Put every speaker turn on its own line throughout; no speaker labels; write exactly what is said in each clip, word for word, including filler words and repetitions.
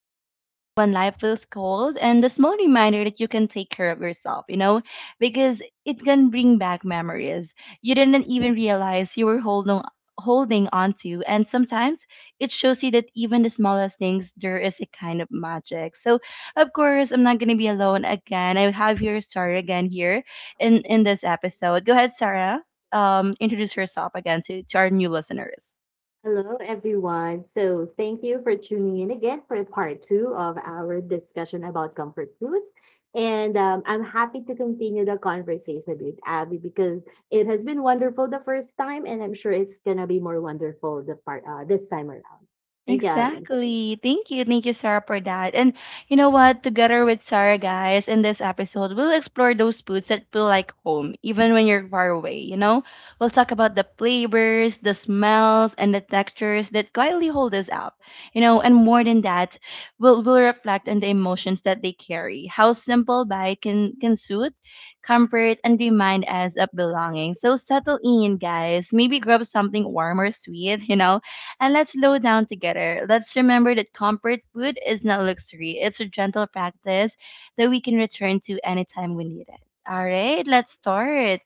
the warmth when life feels cold, and the small reminder that you can take care of yourself, you know, because it can bring back memories you didn't even realize you were holding holding on to. And sometimes it shows you that even the smallest things, there is a kind of magic. So of course, I'm not gonna be alone again. I have here Sarah again here in in this episode. Go ahead, Sarah. Um, introduce yourself again to to our new listeners.
Hello, everyone. So, thank you for tuning in again for part two of our discussion about comfort foods. And um, I'm happy to continue the conversation with Abby because it has been wonderful the first time, and I'm sure it's gonna be more wonderful the part uh, this time around. Thank you, Abby.
Exactly. Thank you. Thank you, Sarah, for that. And you know what? Together with Sarah, guys, in this episode, we'll explore those foods that feel like home, even when you're far away, you know? We'll talk about the flavors, the smells, and the textures that quietly hold us up, you know? And more than that, we'll, we'll reflect on the emotions that they carry, how simple bite can, can soothe, comfort, and remind us of belonging. So settle in, guys. Maybe grab something warm or sweet, you know? And let's slow down together. Let's remember that comfort food is not luxury, it's a gentle practice that we can return to anytime we need it. All right, let's start.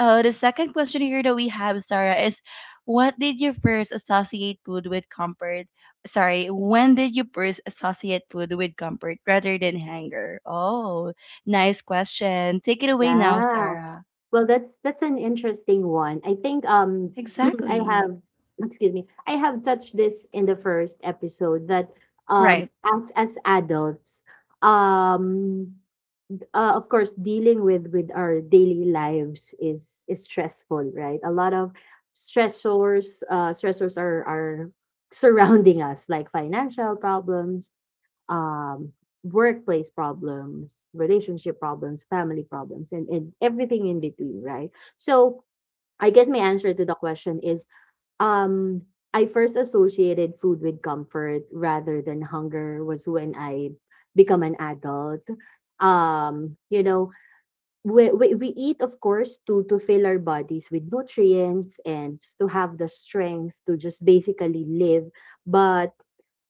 Oh, the second question here that we have, Sarah, is what did you first associate food with comfort? Sorry, when did you first associate food with comfort rather than hunger? Oh, nice question. Take it away now,
Yeah.
Sarah.
Well, that's that's an interesting one. I think um I
Exactly.
have excuse me, I have touched this in the first episode that um
Right.
as as adults, um uh, of course, dealing with with our daily lives is is stressful, right? A lot of stressors, uh stressors are are surrounding us, like financial problems, um workplace problems, relationship problems, family problems, and, and everything in between, right? So I guess my answer to the question is, um I first associated food with comfort rather than hunger was when I become an adult. um you know, we, we we eat, of course, to to fill our bodies with nutrients and to have the strength to just basically live. But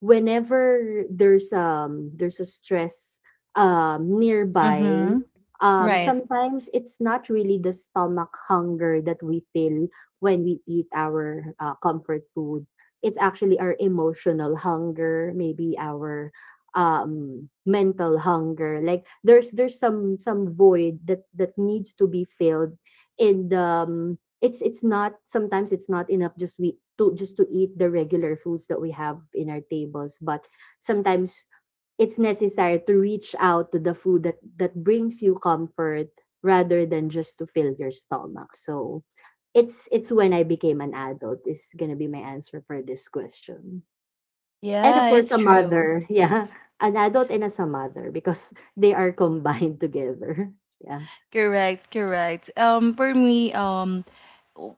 whenever there's um there's a stress um nearby,
Mm-hmm.
um
Right.
sometimes it's not really the stomach hunger that we feel when we eat our uh, comfort food. It's actually our emotional hunger, maybe our um mental hunger, like there's there's some some void that that needs to be filled in the um, it's it's not, sometimes it's not enough just we to just to eat the regular foods that we have in our tables. But sometimes it's necessary to reach out to the food that that brings you comfort rather than just to fill your stomach. So it's it's when I became an adult is going to be my answer for this question. And of
Yeah,
course,
it's
a
true.
mother. Yeah, an adult and as a mother because they are combined together. Yeah.
Correct, correct. Um, for me, um, w-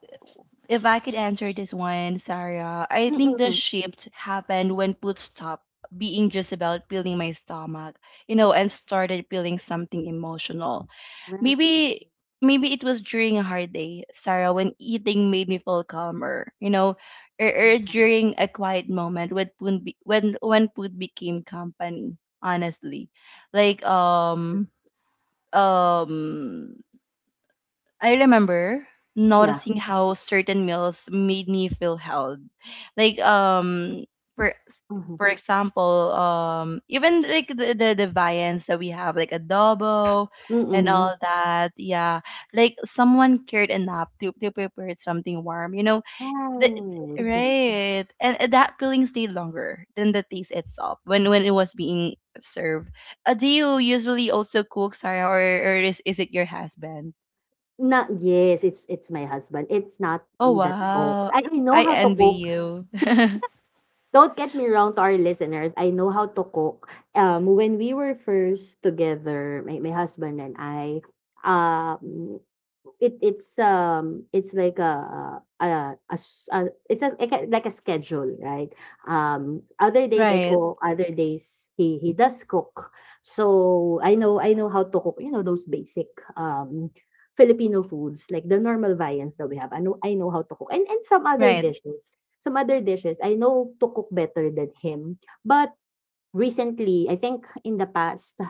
if I could answer this one, Sarah, I think the
Mm-mm.
shift happened when food stopped being just about feeling my stomach, you know, and started feeling something emotional.
Right.
Maybe, maybe it was during a hard day, Sarah, when eating made me feel calmer, you know, or, or
Yeah.
during a quiet moment when food be, when when food became company. Honestly, like um. Um, I remember
Yeah.
noticing how certain meals made me feel held. Like um for for example, um even like the the, the viands that we have like adobo and
Mm-hmm.
all that, yeah. Like someone cared enough to to prepare something warm, you know. The,
Right.
right. And and that feeling stayed longer than the taste itself when when it was being served. Uh, do you usually also cook, Sarah, or or is is it your husband?
Na yes, it's it's my husband. It's not
Oh
he that cooks.
wow.
I I know
I
how to
envy
cook.
you.
Don't get me wrong to our listeners. I know how to cook. Um, when we were first together, my, my husband and I, um, it it's um it's like a a, a, a- it's a like a like a schedule, right? Um, other days I
Right,
cook, other days he he does cook. So I know I know how to cook. You know those basic um Filipino foods like the normal viands that we have. I know I know how to cook and and some other
right.
dishes. Some other dishes I know to cook better than him, but recently, I think in the past,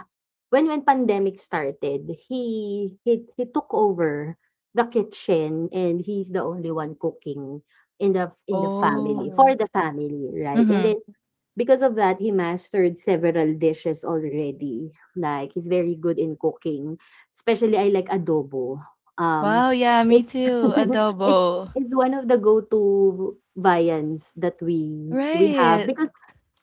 when when pandemic started, he he he took over the kitchen and he's the only one cooking in the in the family for
Oh.
the family, right? And
Mm-hmm.
then because of that, he mastered several dishes already. Like he's very good in cooking, especially I like adobo. Um,
Wow, yeah,
it
me too.
it's
Adobo.
it's one of the go-to viands that we we have
Right.
because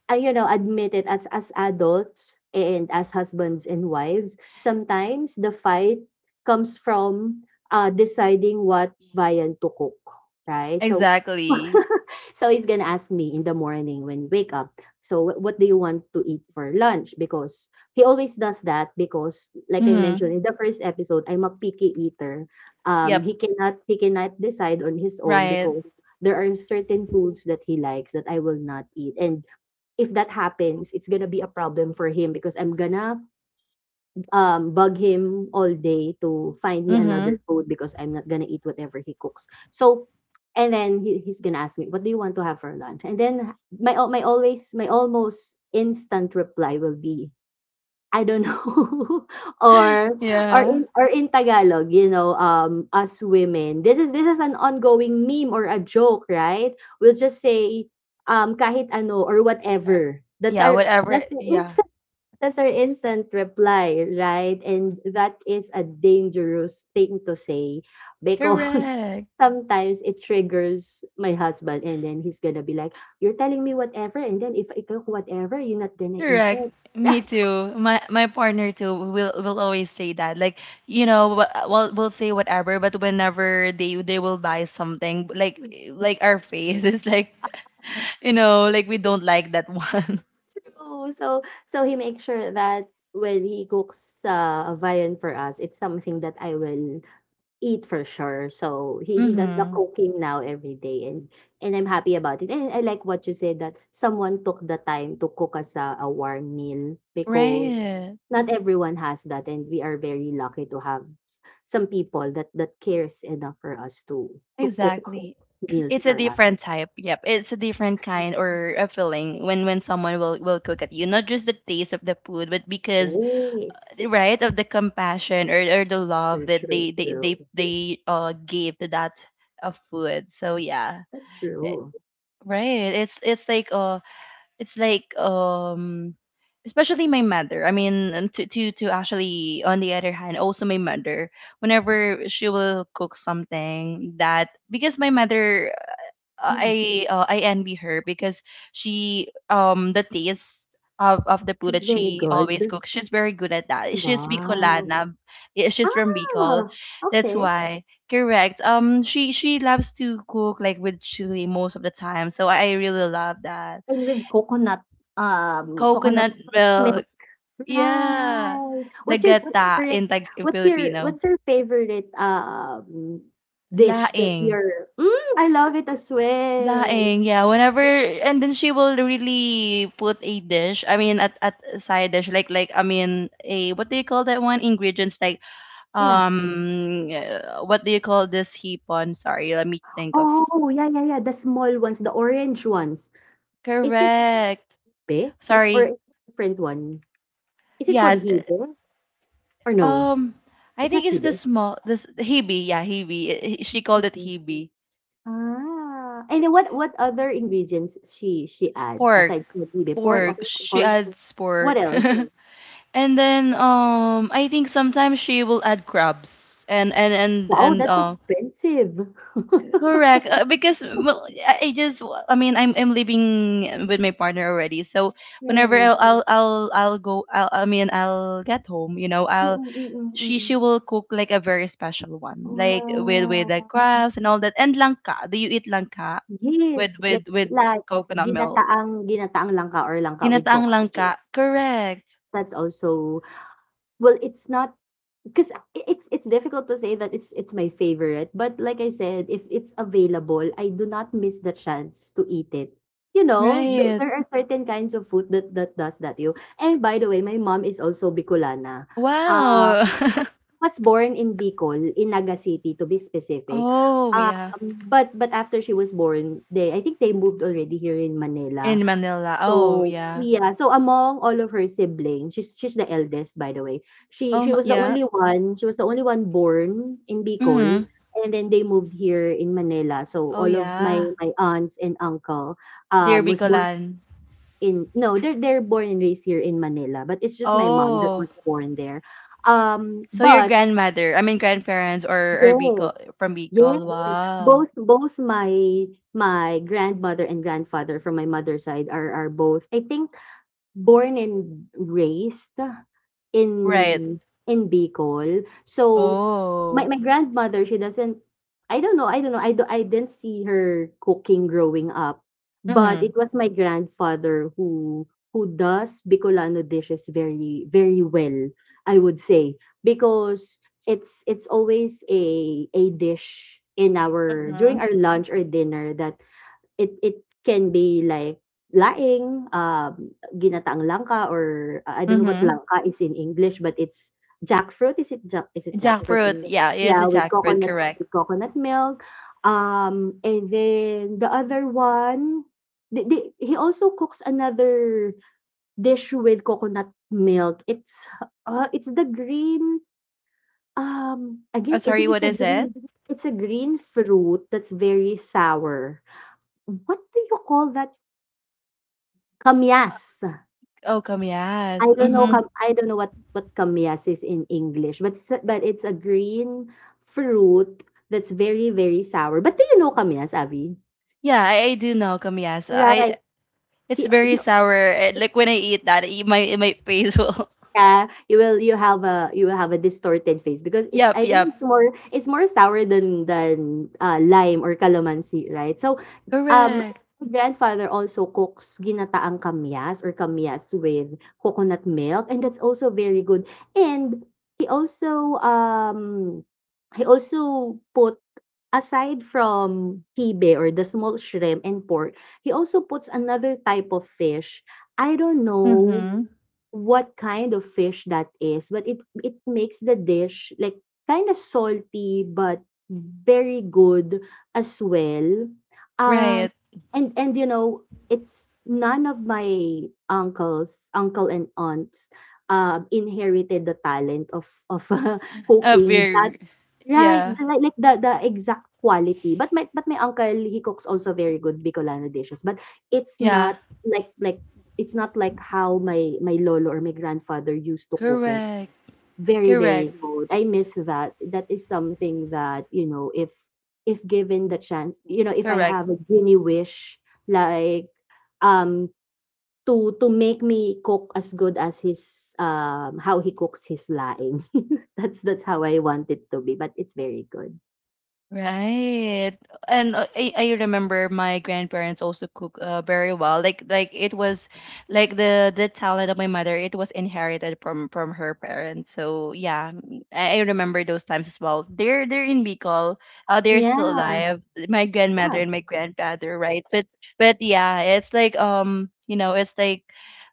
I you know, admit it, as as adults and as husbands and wives, sometimes the fight comes from uh, deciding what viand to cook, right? So
Exactly.
so he's gonna ask me in the morning when wake up. So wh- what do you want to eat for lunch? Because he always does that because, like I
Mm-hmm.
mentioned in the first episode, I'm a picky eater. Um,
Yep.
he cannot he cannot decide on his own
Right.
because there are certain foods that he likes that I will not eat, and if that happens, it's gonna be a problem for him because I'm gonna um, bug him all day to find me
Mm-hmm.
another food because I'm not gonna eat whatever he cooks. So, and then he, he's gonna ask me, "What do you want to have for lunch?" And then my al- my always my almost instant reply will be, I don't know. Or or
Yeah.
in or in Tagalog, you know, um, us women, this is this is an ongoing meme or a joke, right? We'll just say, um, kahit ano, or
Uh,
whatever. That's
Yeah,
our
whatever.
that's our
Yeah.
instant, that's our instant reply, right? And that is a dangerous thing to say because
Correct.
sometimes it triggers my husband, and then he's gonna be like, "You're telling me whatever, and then if I cook whatever, you're not gonna eat
Correct.
it."
Me too. My my partner too will will always say that. Like, you know, wh- we'll we'll say whatever, but whenever they they will buy something, like like our face is like, you know, like we don't like that one.
Oh, so so he makes sure that when he cooks uh, a viand for us, it's something that I will eat for sure. So he he does the
Mm-hmm.
cooking now every day, and and I'm happy about it. And I like what you said that someone took the time to cook us a, a warm meal because
Right.
not everyone has that, and we are very lucky to have s- some people that that cares enough for us to to cook
Exactly.
meals
It's a
for us.
different type. Yep. It's a different kind or a feeling when when someone will will cook at you. Not just the taste of the food, but because,
Yes,
right, of the compassion, or, or the love
true,
that
true,
they they they
true.
they uh gave to that uh, food. So yeah,
That's
eh,
true.
right, it's it's like uh it's like, um especially my mother. I mean, and to to to actually, on the other hand, also my mother, whenever she will cook something, that because my mother, uh, I uh, I envy her because she, um the taste of of the food
She's
that
very
she
good?
always cooks. She's very good at that. She's
Wow.
Bicolana. Yeah, she's from Bicol.
Ah,
That's
okay.
why. Correct. Um she she loves to cook like with chili most of the time. So I, I really love that.
And with coconut, um, coconut
Coconut milk.
milk.
Yeah.
Right.
The
What's your
gata
favorite,
in Tag, in
what's your
Filipino.
what's your favorite, um, dish that
Laing.
you're mm, I love it as well.
Laing, yeah. Whenever, and then she will really put a dish. I mean, at at a side dish, like like I mean, a what do you call that one? Ingredients like
Yeah.
um, uh, what do you call this hipon? Sorry, let me think of.
Oh, yeah, yeah, yeah, the small ones, the orange ones. Is it
Correct.
hibe or
Sorry.
is it a different one? Is it called
Yeah. d-
hibe or no?
Um, I
It's
think
not
it's the
hibe?
small this hibi. Yeah, hibi. Eh, she
It's
called it
hibe.
hibi.
Ah, and then what what other ingredients she she add
Pork.
aside from the tili? Pork, of
Pork.
of
She
course.
adds
What
pork.
else?
And then um I think sometimes she will add crabs and and and
Wow,
and
that's
uh
expensive.
correct, uh, because well, I I just, I mean, I'm I'm living with my partner already, so
Yeah, yeah,
whenever
yeah.
I'll I'll I'll, I'll go I'll, I mean, I'll get home, you know,
Mm,
I'll,
mm, mm, mm,
she she
mm.
will cook like a very special one, like with with the
Wow.
crabs and all that, and langka, do you eat langka with
Yes, like
with with
like
coconut milk,
ginataang ginataang langka, or langka with
ginataang
coconut
langka,
milk.
correct,
That's also, well, it's not, because it's it's difficult to say that it's it's my favorite, but like I said, if it's available, I do not miss the chance to eat it. You know, th-
right,
there are certain kinds of food that that does that to you. And by the way, my mom is also Bicolana. uh
wow.
was, was born in Bicol, in Naga City, to be specific.
Oh,
um
yeah.
but but after she was born, they, I think, they moved already here in Manila.
In Manila. Oh,
So,
yeah.
yeah, so among all of her siblings, she's she's the eldest, by the way. She she
Oh,
was the
yeah.
only one, she was the only one born in Bicol,
Mm-hmm.
and then they moved here in Manila. So
Oh,
all of my
yeah.
my aunts and uncle um
Dear
was born
Bicolan.
in, no, they're they're born and raised here in Manila, but it's just my mom that
Oh.
was born there. Um,
So your
but
grandmother, I mean grandparents, or, or
yes,
Bicol, from
yes,
Bicol. Wow.
both both my my grandmother and grandfather from my mother's side are are both, I think, born and raised in
Right.
in Bicol. So,
Oh.
my my grandmother, she doesn't, I don't know I don't know, I do I didn't see her cooking growing up, but
Mm-hmm.
it was my grandfather who who does Bicolano dishes very, very well, I would say, because it's it's always a a dish in our
Mm-hmm.
during our lunch or dinner that, It it can be like laing, um, ginataang langka, or I I don't know what
Mm-hmm.
langka is in English, but it's jackfruit, is it jack, is it jackfruit
Jackfruit.
in,
Yeah, it is
yeah,
a
with
jackfruit,
coconut,
correct.
with coconut milk. Um, and then the other one, the the he also cooks another dish with coconut milk. It's, uh, it's the green, um,
Oh,
again, I
sorry,
think it's
what
a
is it?
green, it's a green fruit that's very sour. What do you call that? Kamyas.
Oh,
I
kamyas.
don't know kam
Mm-hmm.
I don't know what what kamyas is in English, but s but it's a green fruit that's very, very sour. But do you know kamyas, Abby?
Yeah, I, I do know kamyas.
Right.
I, it's
He
very
he
sour. Eh, like when I eat that, it, my, my face will...
Yeah, you will, you have a you will have a distorted face because it's,
Yep,
I
yep.
think it's more it's more sour than than uh, lime or calamansi, right? So um
Correct.
my grandfather also cooks ginataang kamyas or kamyas with coconut milk, and that's also very good. And he also um he also put, aside from tibe or the small shrimp and pork, he also puts another type of fish. I don't know
Mm-hmm.
what kind of fish that is, but it it makes the dish like kind of salty but very good as well. Um,
Right.
and and you know, it's none of my uncles, uncle and aunts um inherited the talent of of
Up
cooking that.
your
Right,
yeah.
the, like, like the the exact quality, but my but my uncle, he cooks also very good Bicolano dishes, but it's
Yeah.
not like, like it's not like how my my lolo, or my grandfather, used to cook it.
Correct.
Very,
Correct.
very good. I miss that. That is something that, you know, if if given the chance, you know, if I
Correct.
have a genie wish, like um to to make me cook as good as his, um how he cooks his laing. That's that's how I want it to be, but it's very good.
Right. And uh, I, I remember my grandparents also cook uh, very well. Like like it was like the the talent of my mother. It was inherited from from her parents. So yeah, m- I, I remember those times as well. They're they're in Bicol. Uh, they're still
Yeah,
alive. My grandmother
wow,
and my grandfather, right? But but yeah, it's like, um, you know, it's like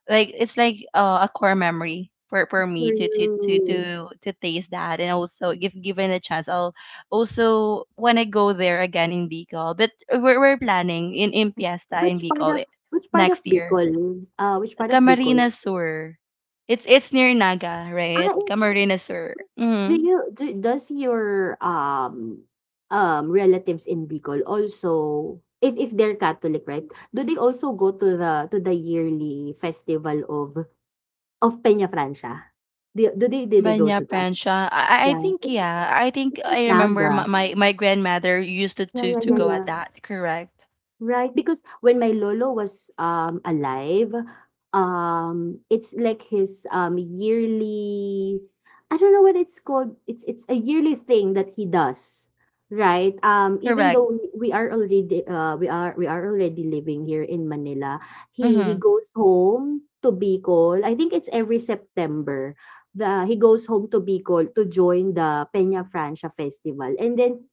like it's like, uh, a core memory for for me to to to
true.
to to taste that. And also if given a chance, I'll also when I go there again in Bicol. But we're, we're planning in, in Piesta in
Which part
Bicol
of,
I-
which part of
next year.
Bicol? Uh, which part of Bicol?
Camarines Sur. It's it's near Naga,
Ah,
right?
eh,
Camarines Sur.
do
Mm-hmm.
you do does your um um relatives in Bicol also, if if they're Catholic, right? Do they also go to the to the yearly festival of of Peña Francia? Do do they did they go
Banya
to that?
Pensha. I, I I
Yeah,
think
it's
yeah. I think
it's in
I remember
Naga.
my, my, my grandmother used to,
Yeah,
to
yeah,
to
yeah,
go at
yeah.
that. Correct.
Right, because when my lolo was um alive, um it's like his um yearly, I don't know what it's called. It's it's a yearly thing that he does. Right? Um even
Correct.
though we are already uh we are we are already living here in Manila, he he
Mm-hmm.
goes home to Bicol. I think it's every September. The He goes home to Bicol to join the Peña Francia festival. And then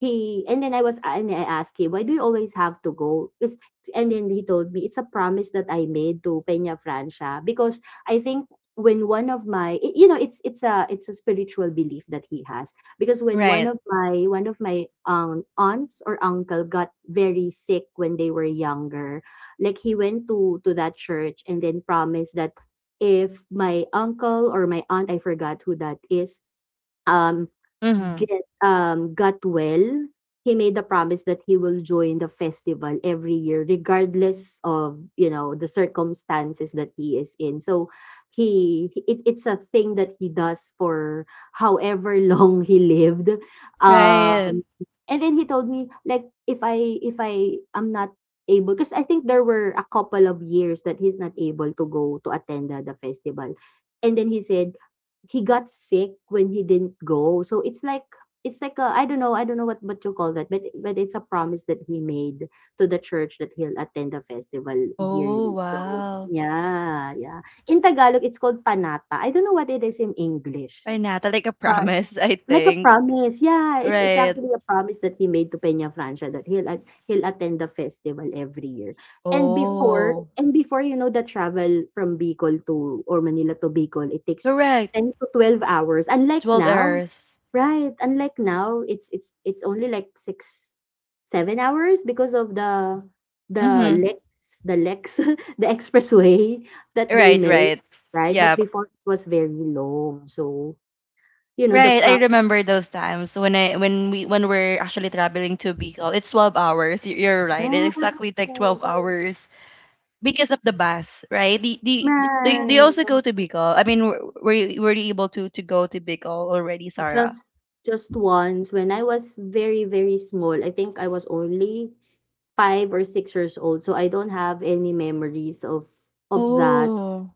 he and then I was and I asked him, why do you always have to go? 'Cause- and then he told me it's a promise that I made to Peña Francia, because I think when one of my y- you know, it's it's a it's a spiritual belief that he has, because when one
Right.
of my one of my um aunts or uncle got very sick when they were younger, like he went to to that church and then promised that if my uncle or my aunt, I forgot who that is, um
Mm-hmm.
get um got well, he made the promise that he will join the festival every year, regardless of, you know the circumstances that he is in. So he he- it, it's a thing that he does for however long he lived.
Right.
Um and then he told me, like, if I if I am not able, because I think there were a couple of years that he's not able to go, to attend the, the festival. And then he said he got sick when he didn't go. So it's like it's like a, I don't know, I don't know what what you call that, but but it's a promise that he made to the church that he'll attend the festival
Oh
yearly. So
wow.
yeah, yeah. In Tagalog, it's called panata. I don't know what it is in English,
By Nata, like a
but.
promise, I
Like a
think.
promise, yeah, it's it's
Right.
actually a promise that he made to Peña Francia that he'll at he'll attend the festival every year. And before
Oh.
and before, you know, the travel from Bicol to, or Manila to Bicol, it takes
Correct.
ten to twelve hours. Unlike
twelve
now,
hours.
right, unlike now, it's it's it's only like six seven hours because of the the
Mm-hmm.
L E X, the L E X, the expressway that they
Right,
made,
right.
right?
Yeah.
But before it was very long. So, you know, the
Right, I
pro
remember those times when I, when we, when we're actually traveling to Bicol. It's twelve hours. You- you're right. It
Right,
exactly take twelve hours because of the bus, right? The, the, they they
right.
also
But
go to Bicol. I mean, were, were you, were you able to to go to Bicol already, Sarah?
just just once when I was very, very small, I think I was only five or six years old, so I don't have any memories of of that.
Oh.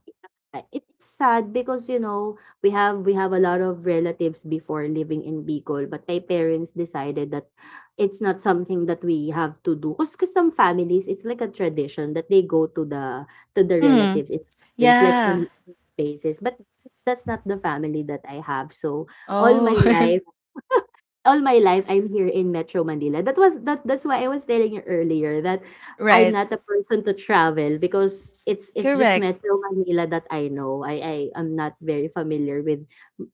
Yeah, it's sad because, you know we have we have a lot of relatives before living in Bicol, but my parents decided that it's not something that we have to do, because some families, it's like a tradition that they go to the to the
Hmm.
relatives in the province, like,
Yeah.
on basis, but that's not the family that I have. So all
Oh.
my life all my life I'm here in Metro Manila. That was that that's why I was telling you earlier that I'm
right.
not a person to travel, because it's it's just
Correct.
Metro Manila that I know. I I am not very familiar with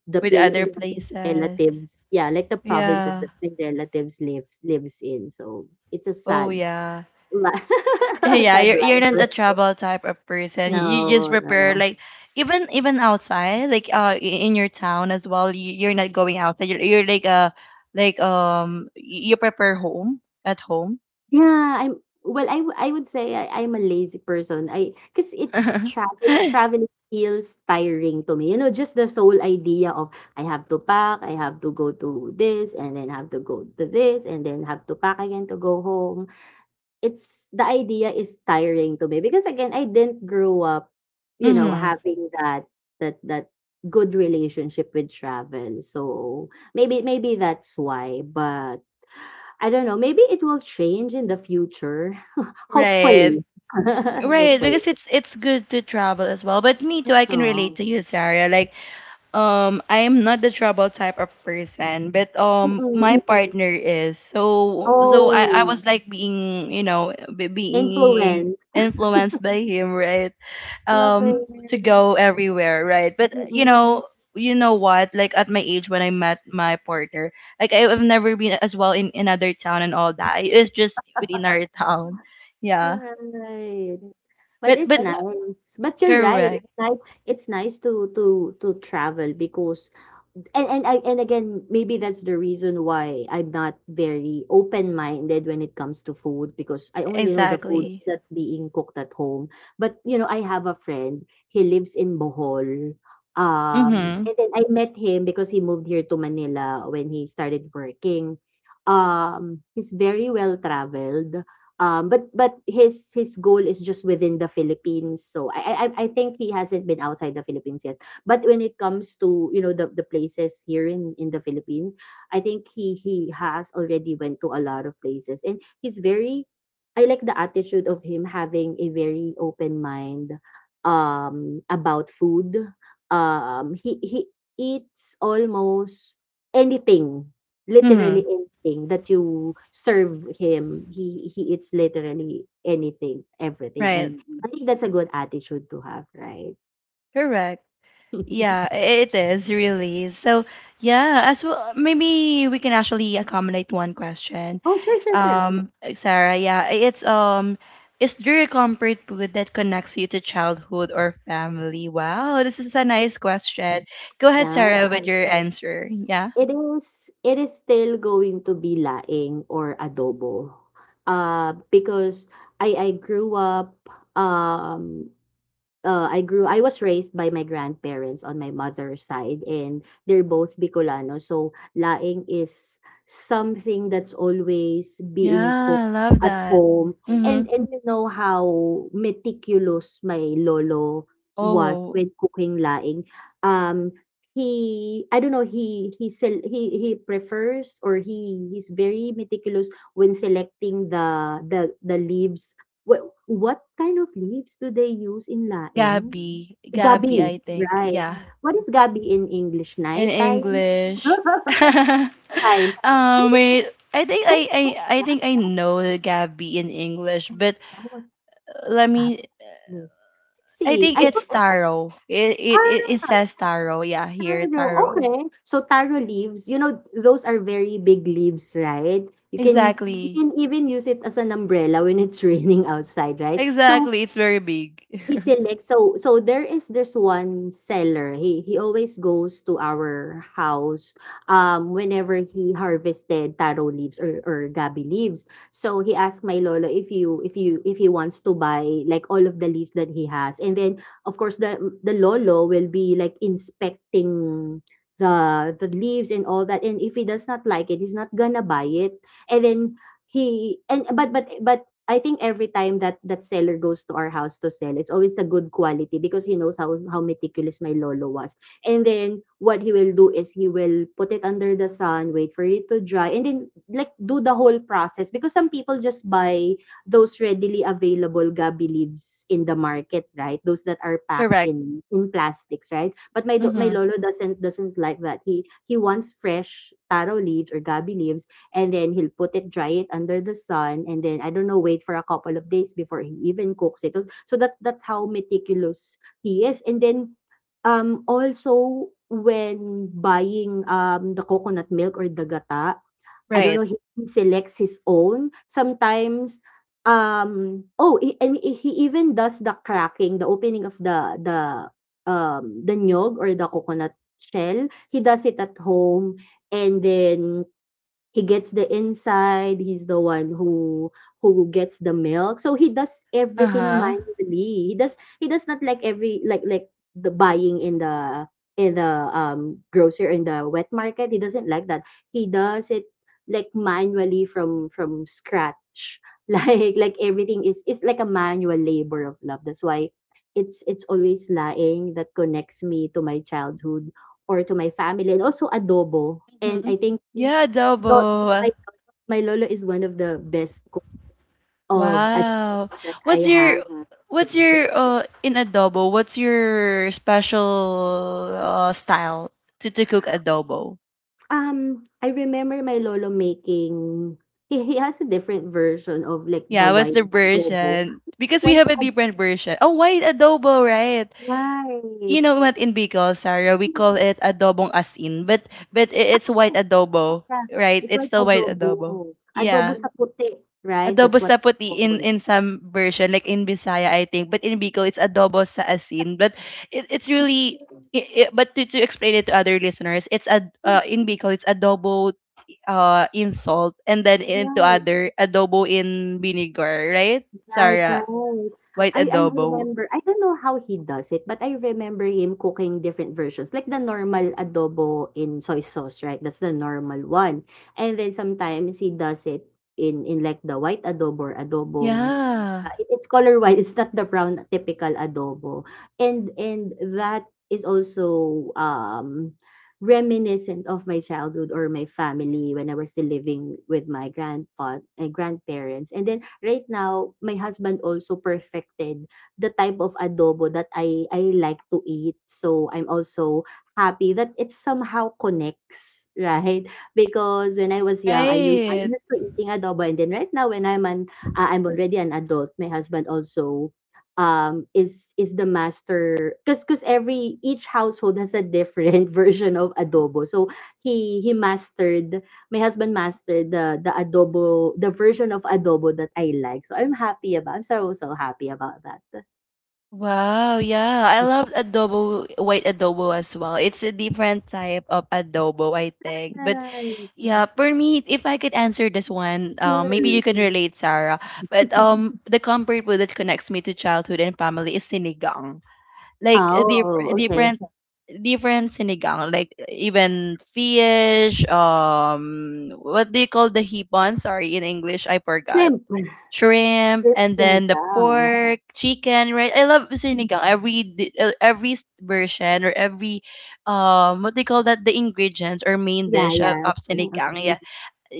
the
With other
places that my
places.
relatives, yeah, like the provinces
Yeah.
that my relatives live lives in. So it's a
Oh
sad
yeah.
li-
Yeah,
sad
you're you're not a
life.
travel type of person. You you just
No, no,
prepare
no.
like even even outside, like uh i- in your town as well. You, you're not going outside. You're, you're like uh like, um y- you prepare home at home.
Yeah, I'm well, I wou I would say I I'm a lazy person. I 'cause it travel Traveling feels tiring to me. You know, just the sole idea of, I have to pack, I have to go to this, and then have to go to this, and then have to pack again to go home. It's the idea is tiring to me because, again, I didn't grow up, you know,
Mm-hmm.
having that that that good relationship with travel. So maybe maybe that's why, but I don't know, maybe it will change in the future.
Right.
Hopefully.
Right,
Hopefully.
because it's it's good to travel as well. But me too, I can
Aw.
relate to you, Sarah. Like, Um, I am not the trouble type of person, but um, my
Mm-mm.
partner is. So, so I, I
Oh,
was like being, you know, be- being
influence.
influenced by him, right?
Love
Um, to
it.
go everywhere, right? But you
Mm-mm.
know, you know what? Like at my age when I met my partner, like I have never been as well in another town and all that. It's just within our town, yeah.
Right. But
But
it's
but
nice. But you're right,
correct,
it's nice, it's nice to to to travel, because and and I and again, maybe that's the reason why I'm not very open-minded when it comes to food, because I only know the food
exactly.
that's being cooked at home. But, you know, I have a friend. He lives in Bohol. Um,
Mhm.
and then I met him because he moved here to Manila when he started working. Um, he's very well traveled. Um, but but his his goal is just within the Philippines. So I I I I think he hasn't been outside the Philippines yet, but when it comes to, you know the, the places here in in the Philippines, I think he he has already went to a lot of places, and he's very, I like the attitude of him having a very open mind, um about food. um he he eats almost anything,
Mhm.
literally anything that you serve him. He he eats literally anything, everything.
Right.
And I think that's a good attitude to have, right?
Correct. Yeah, it is really. So, yeah, as well, maybe we can actually accommodate one question.
Oh, sure, sure, sure.
Um, Sarah, yeah, it's um, is there a comfort food that connects you to childhood or family? Wow, this is a nice question. Go ahead,
Yeah,
Sarah, with your answer. Yeah.
It is it is still going to be laing or adobo, uh, because I I grew up, um uh, I grew I was raised by my grandparents on my mother's side, and they're both Bicolano. So laing is something that's always
Yeah,
being
I
cooked
love
at
that.
home. And
Mm-hmm.
and you know how meticulous my lolo was
Oh,
when cooking laing. Um he, I don't know, he he sel- he he prefers, or he he's very meticulous when selecting the the the leaves. Wha what kind of leaves do they use in laing?
Gabby, Gabby,
Gabi,
I think.
right.
Yeah,
What is gabi in English,
in
nighttime?
English.
Time. Time. I
um, wait, I think I,
What is
I I
that?
think I know the Gabby in English,
I don't
but
know what's
let
that
me.
leaf. Let's
I
see,
think
I
it's
put,
taro. It it it, it
ah,
says taro. Yeah, here
taro,
taro.
okay. So taro leaves, you know, those are very big leaves, right? You can you
Exactly.
can even use it as an umbrella when it's raining outside, right? So,
Exactly. It's very big.
He selects so so there is this one seller. He he always goes to our house um whenever he harvested taro leaves, or or gabi leaves. So he asked my lolo if you if you if he wants to buy, like, all of the leaves that he has. And then, of course, the the lolo will be like inspecting the the leaves and all that. And if he does not like it, he's not gonna buy it. And then, he and but but but I think every time that that seller goes to our house to sell, it's always a good quality because he knows how how meticulous my lolo was. And then what he will do is he will put it under the sun, wait for it to dry, and then, like, do the whole process, because some people just buy those readily available gabi leaves in the market, right? Those that are packed
Correct.
in in plastics, right? But my do- my
Mm-hmm.
lolo doesn't doesn't like that. He he wants fresh taro leaves or gabi leaves. And then he'll put it, dry it under the sun, and then, I don't know, wait for a couple of days before he even cooks it. So that that's how meticulous he is. And then, um also, when buying um the coconut milk or the gata, I don't
Right.
know, he, he selects his own. Sometimes, um oh i- and i- he even does the cracking, the opening of the the um the nyog or the coconut shell. He does it at home, and then he gets the inside. He's the one who who gets the milk. So he does
Uh
everything
huh.
manually. He does he does not like, every like like the buying in the in the um grocer, in the wet market. He doesn't like that. He does it, like, manually from from scratch like like everything is is like a manual labor of love. That's why it's it's always laing that connects me to my childhood or to my family. And also adobo. And
Mm-hmm.
I think,
Yeah,
Lo
adobo.
my lolo my lolo is one of the best cook of
Wow.
adobo that I
What's
have.
your Mhm. what's
And,
your uh in adobo? What's your special uh, style to, to cook adobo?
um, I remember my lolo making, he he has a different version of, like, the
Yeah, what's
white
the
adobo.
version? Because we
White
have a
adobo,
different version. Oh, white adobo, right?
right.
You know what, in Bicol, Sarah, we call
Mm,
it adobong asin, but but I- it's white
true. Yeah, yeah, yeah,
adobo,
yeah.
right?
It's
It's
white
still white adobo.
adobo. Adobo
Yeah.
sa puti, right?
Adobo
That's what
sa
it's
puti in
called.
in some version, like in Bisaya, I think. But in Bicol, it's adobo sa asin. But it, it's really, I I but to, to explain it to other listeners, it's ad,
Yeah,
uh, in Bicol, it's adobo, uh, in salt, and then
yeah,
into
right.
other adobo in vinegar, right?
Right,
Sarah,
right.
white. Oh,
I I
adobo.
remember, I don't know how he does it, but I remember him cooking different versions, like the normal adobo in soy sauce, right? That's the normal one. And then sometimes he does it in in, like, the white adobo or adobong.
Yeah,
Yeah, it- it's color white. It's not the brown typical adobo. And and that is also um reminiscent of my childhood or my family when I was still living with my grandfather and grandparents. And then right now, my husband also perfected the type of adobo that I I like to eat. So I'm also happy that it somehow connects, right? Because when I was young, I used I'm
right.
used to eating adobo, and then right now when I'm an uh, I'm already an adult. My husband also um is is the master because because every each household has a different version of adobo, so he he mastered, my husband mastered the the adobo the version of adobo that I like, so i'm happy about I'm so so happy about that.
Wow, yeah. I love adobo, white adobo as well. It's a different type of adobo, I think. But
Right,
yeah, for me, if I could answer this one, uh, maybe
sure.
you can Mm. relate, Sarah. But um, the comfort food that connects me to childhood and family is sinigang. Like a diff
Oh, okay.
different, different sinigang. Like even fish. Um, what do you call the hipon? Sorry, in English, I forgot.
Shrimp.
Shrimp,
Shrimp
and then the
sinigang.
pork, chicken, right? I love sinigang. Every di- uh, every s- version, or every um what they call that, the ingredients or main
Yeah,
dish of,
yeah.
of
Mm,
sinigang, yeah,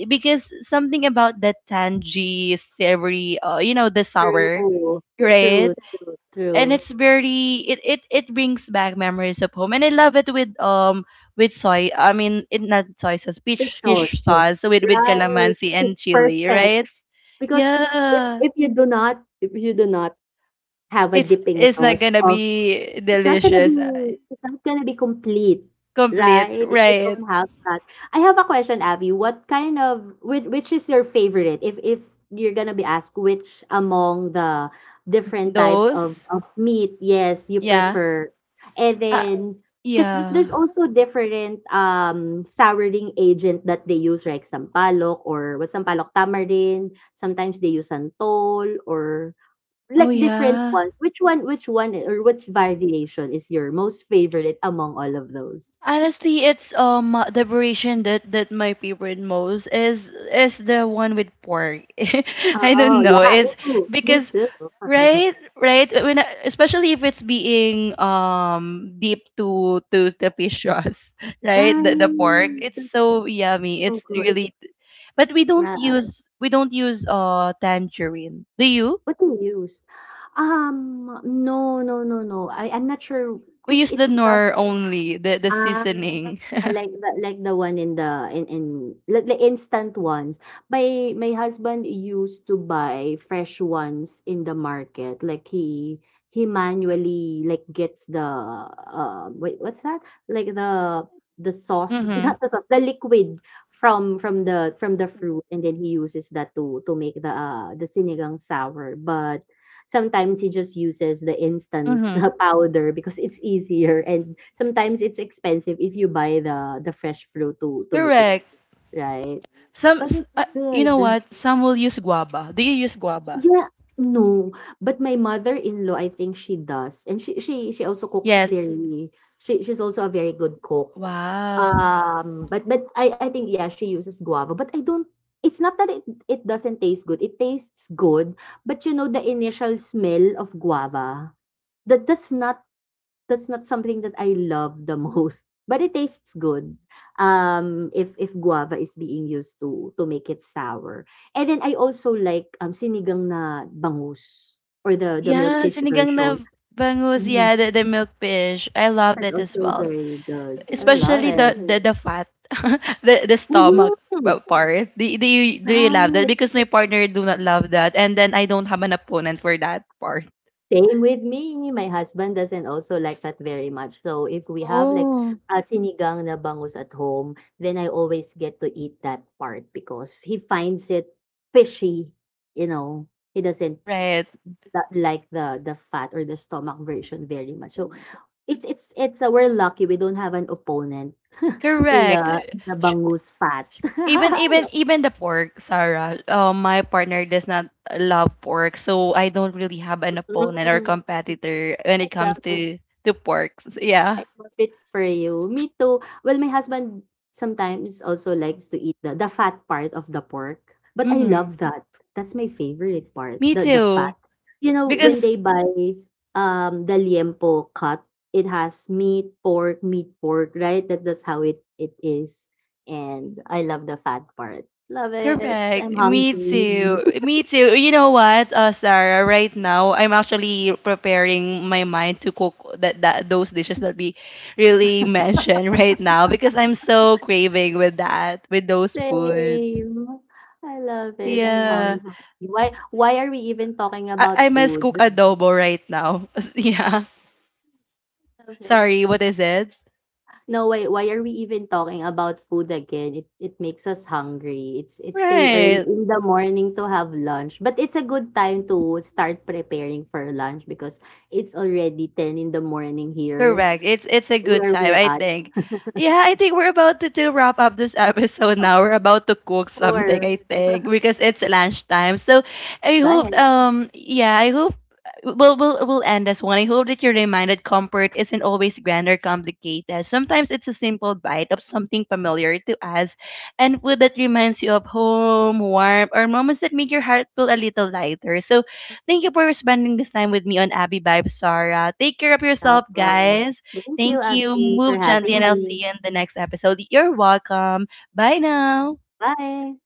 because something about that tangy, savory, uh, you know, the sour,
true.
right?
True, true,
And
true.
it's very it, it it brings back memories of home, and I love it with um with soy, I mean, it not soy sauce,
Fish.
fish fish Yes. sauce with with
Right,
calamansi
it's
and chili,
perfect
right?
because if
Yeah,
if you do not if you do not have a
it's
dipping
it's not
sauce
gonna
of.
be
It's not gonna be,
delicious, uh,
it's not gonna be complete,
complete,
right, if you don't
right?
have that. I have a question, Abby. What kind of which which is your favorite? If if you're gonna be asked, which among the different types of
Those,
of meat, yes, you
yeah,
prefer. And
uh,
then, because there's
yeah.
also different um souring agent that they use, like sampalok, or what, sampalok, tamarind. Sometimes they use santol or
Oh
like different
yeah.
ones. Which one which one or which variation is your most favorite among all of those?
Honestly, it's um the variation that that my favorite most is is the one with pork. I don't
Oh,
know.
yeah, me
It's
too. Me
because
too.
right, right when I- especially if it's being um deep to to the fish sauce, right? The the pork.
Right.
It's
That's
so yummy.
so
It's
good.
really but we don't
Right.
use, we don't use uh tangerine. Do you?
What do you use? Um, no, no, no, no. I, I'm not sure
We
because
use the
it's not.
nor only the the
Ah,
seasoning.
like the like the one in the in in like the instant ones. My my husband used to buy fresh ones in the market. Like he he manually like gets the uh wait, what's that? Like the the sauce, not
Mhm.
the sauce, the liquid from from the from the fruit, and then he uses that to to make the uh the sinigang sour. But sometimes he just uses the instant
Mhm.
powder because it's easier, and sometimes it's expensive if you buy the the fresh fruit to to make it,
Correct.
right?
Some,
But
s-
it's
uh, you know
good.
what? Some will use guava. Do you use guava?
Yeah, no. But my mother-in-law, I think she does. And she she she also cooks
Yes.
very, she she's also a very good cook.
Wow.
Um, but but I I think, yeah, she uses guava, but I don't, it's not that it, it doesn't taste good. It tastes good, but you know the initial smell of guava. That that's not that's not something that I love the most, but it tastes good. Um, if if guava is being used to to make it sour. And then I also like um sinigang na bangus, or the the
Yeah,
milkfish
sinigang na
version.
bangus.
Yeah,
Yeah, the, the milk fish. I love
that's
that as
also
well.
very good. I love
Especially the,
it.
the, the fat, the the stomach
Mhm,
uh, part. Do, do you, do you love that?
right.
Because my partner do not love that, and then I don't have an opponent for that part.
Same with me. My husband doesn't also like that very much. So if we have like a sinigang na bangus at home, then I always get to eat that part because he finds it fishy. You know, he doesn't
Right.
tha- like the the fat or the stomach version very much. So it's it's it's uh, we're lucky we don't have an opponent in the
Correct.
the bangus fat.
Even, even, even the pork, Sarah. Uh, my partner does not love pork, so I don't really have an opponent or
Mm,
competitor when it
I
comes
love it.
to to pork. So, yeah.
I love it for you. Me too. Well, my husband sometimes also likes to eat the the fat part of the pork, but I
Mm-hmm.
love that. That's my favorite part,
Me
the the fat.
too.
You know, when
Because
they buy um the liempo cut, it has meat, pork, meat, pork, right? That that's how it it is. And I love the fat part. Love it. I'm
correct. Me Mhm.
hungry.
too. Me too. You know what, uh, Sarah? Right now, I'm actually preparing my mind to cook that, that those dishes that we really mentioned right now because I'm so craving with that, with those foods.
Same. I love it. I'm
Yeah.
hungry. Why why are we even talking
I, I
about
must cook
food?
adobo right now. yeah.
Love
Sorry,
it.
what is it?
No, why why are we even talking about food again? It it makes us hungry. It's it's still early
Right.
in the morning to have lunch, but it's a good time to start preparing for lunch because it's already ten in the morning here
Correct. It's it's a good
where
time,
we're
I
at.
think. Yeah, I think we're about to, to wrap up this episode
So,
now. We're about to cook something,
sure.
I think, because it's lunchtime. So I
Go
hope,
ahead.
um yeah, I hope we'll we'll we'll end this one. I hope that you're reminded comfort isn't always grand or complicated. Sometimes it's a simple bite of something familiar to us, and food that reminds you of home, warmth, or moments that make your heart feel a little lighter. So thank you for spending this time with me on Abby Vibe, Sarah. Take care of
No
yourself,
problem.
guys.
Thank you,
Thank you.
Abby, for
Move gently, and
having
I'll see you
me.
in the next episode. You're welcome. Bye now.
Bye.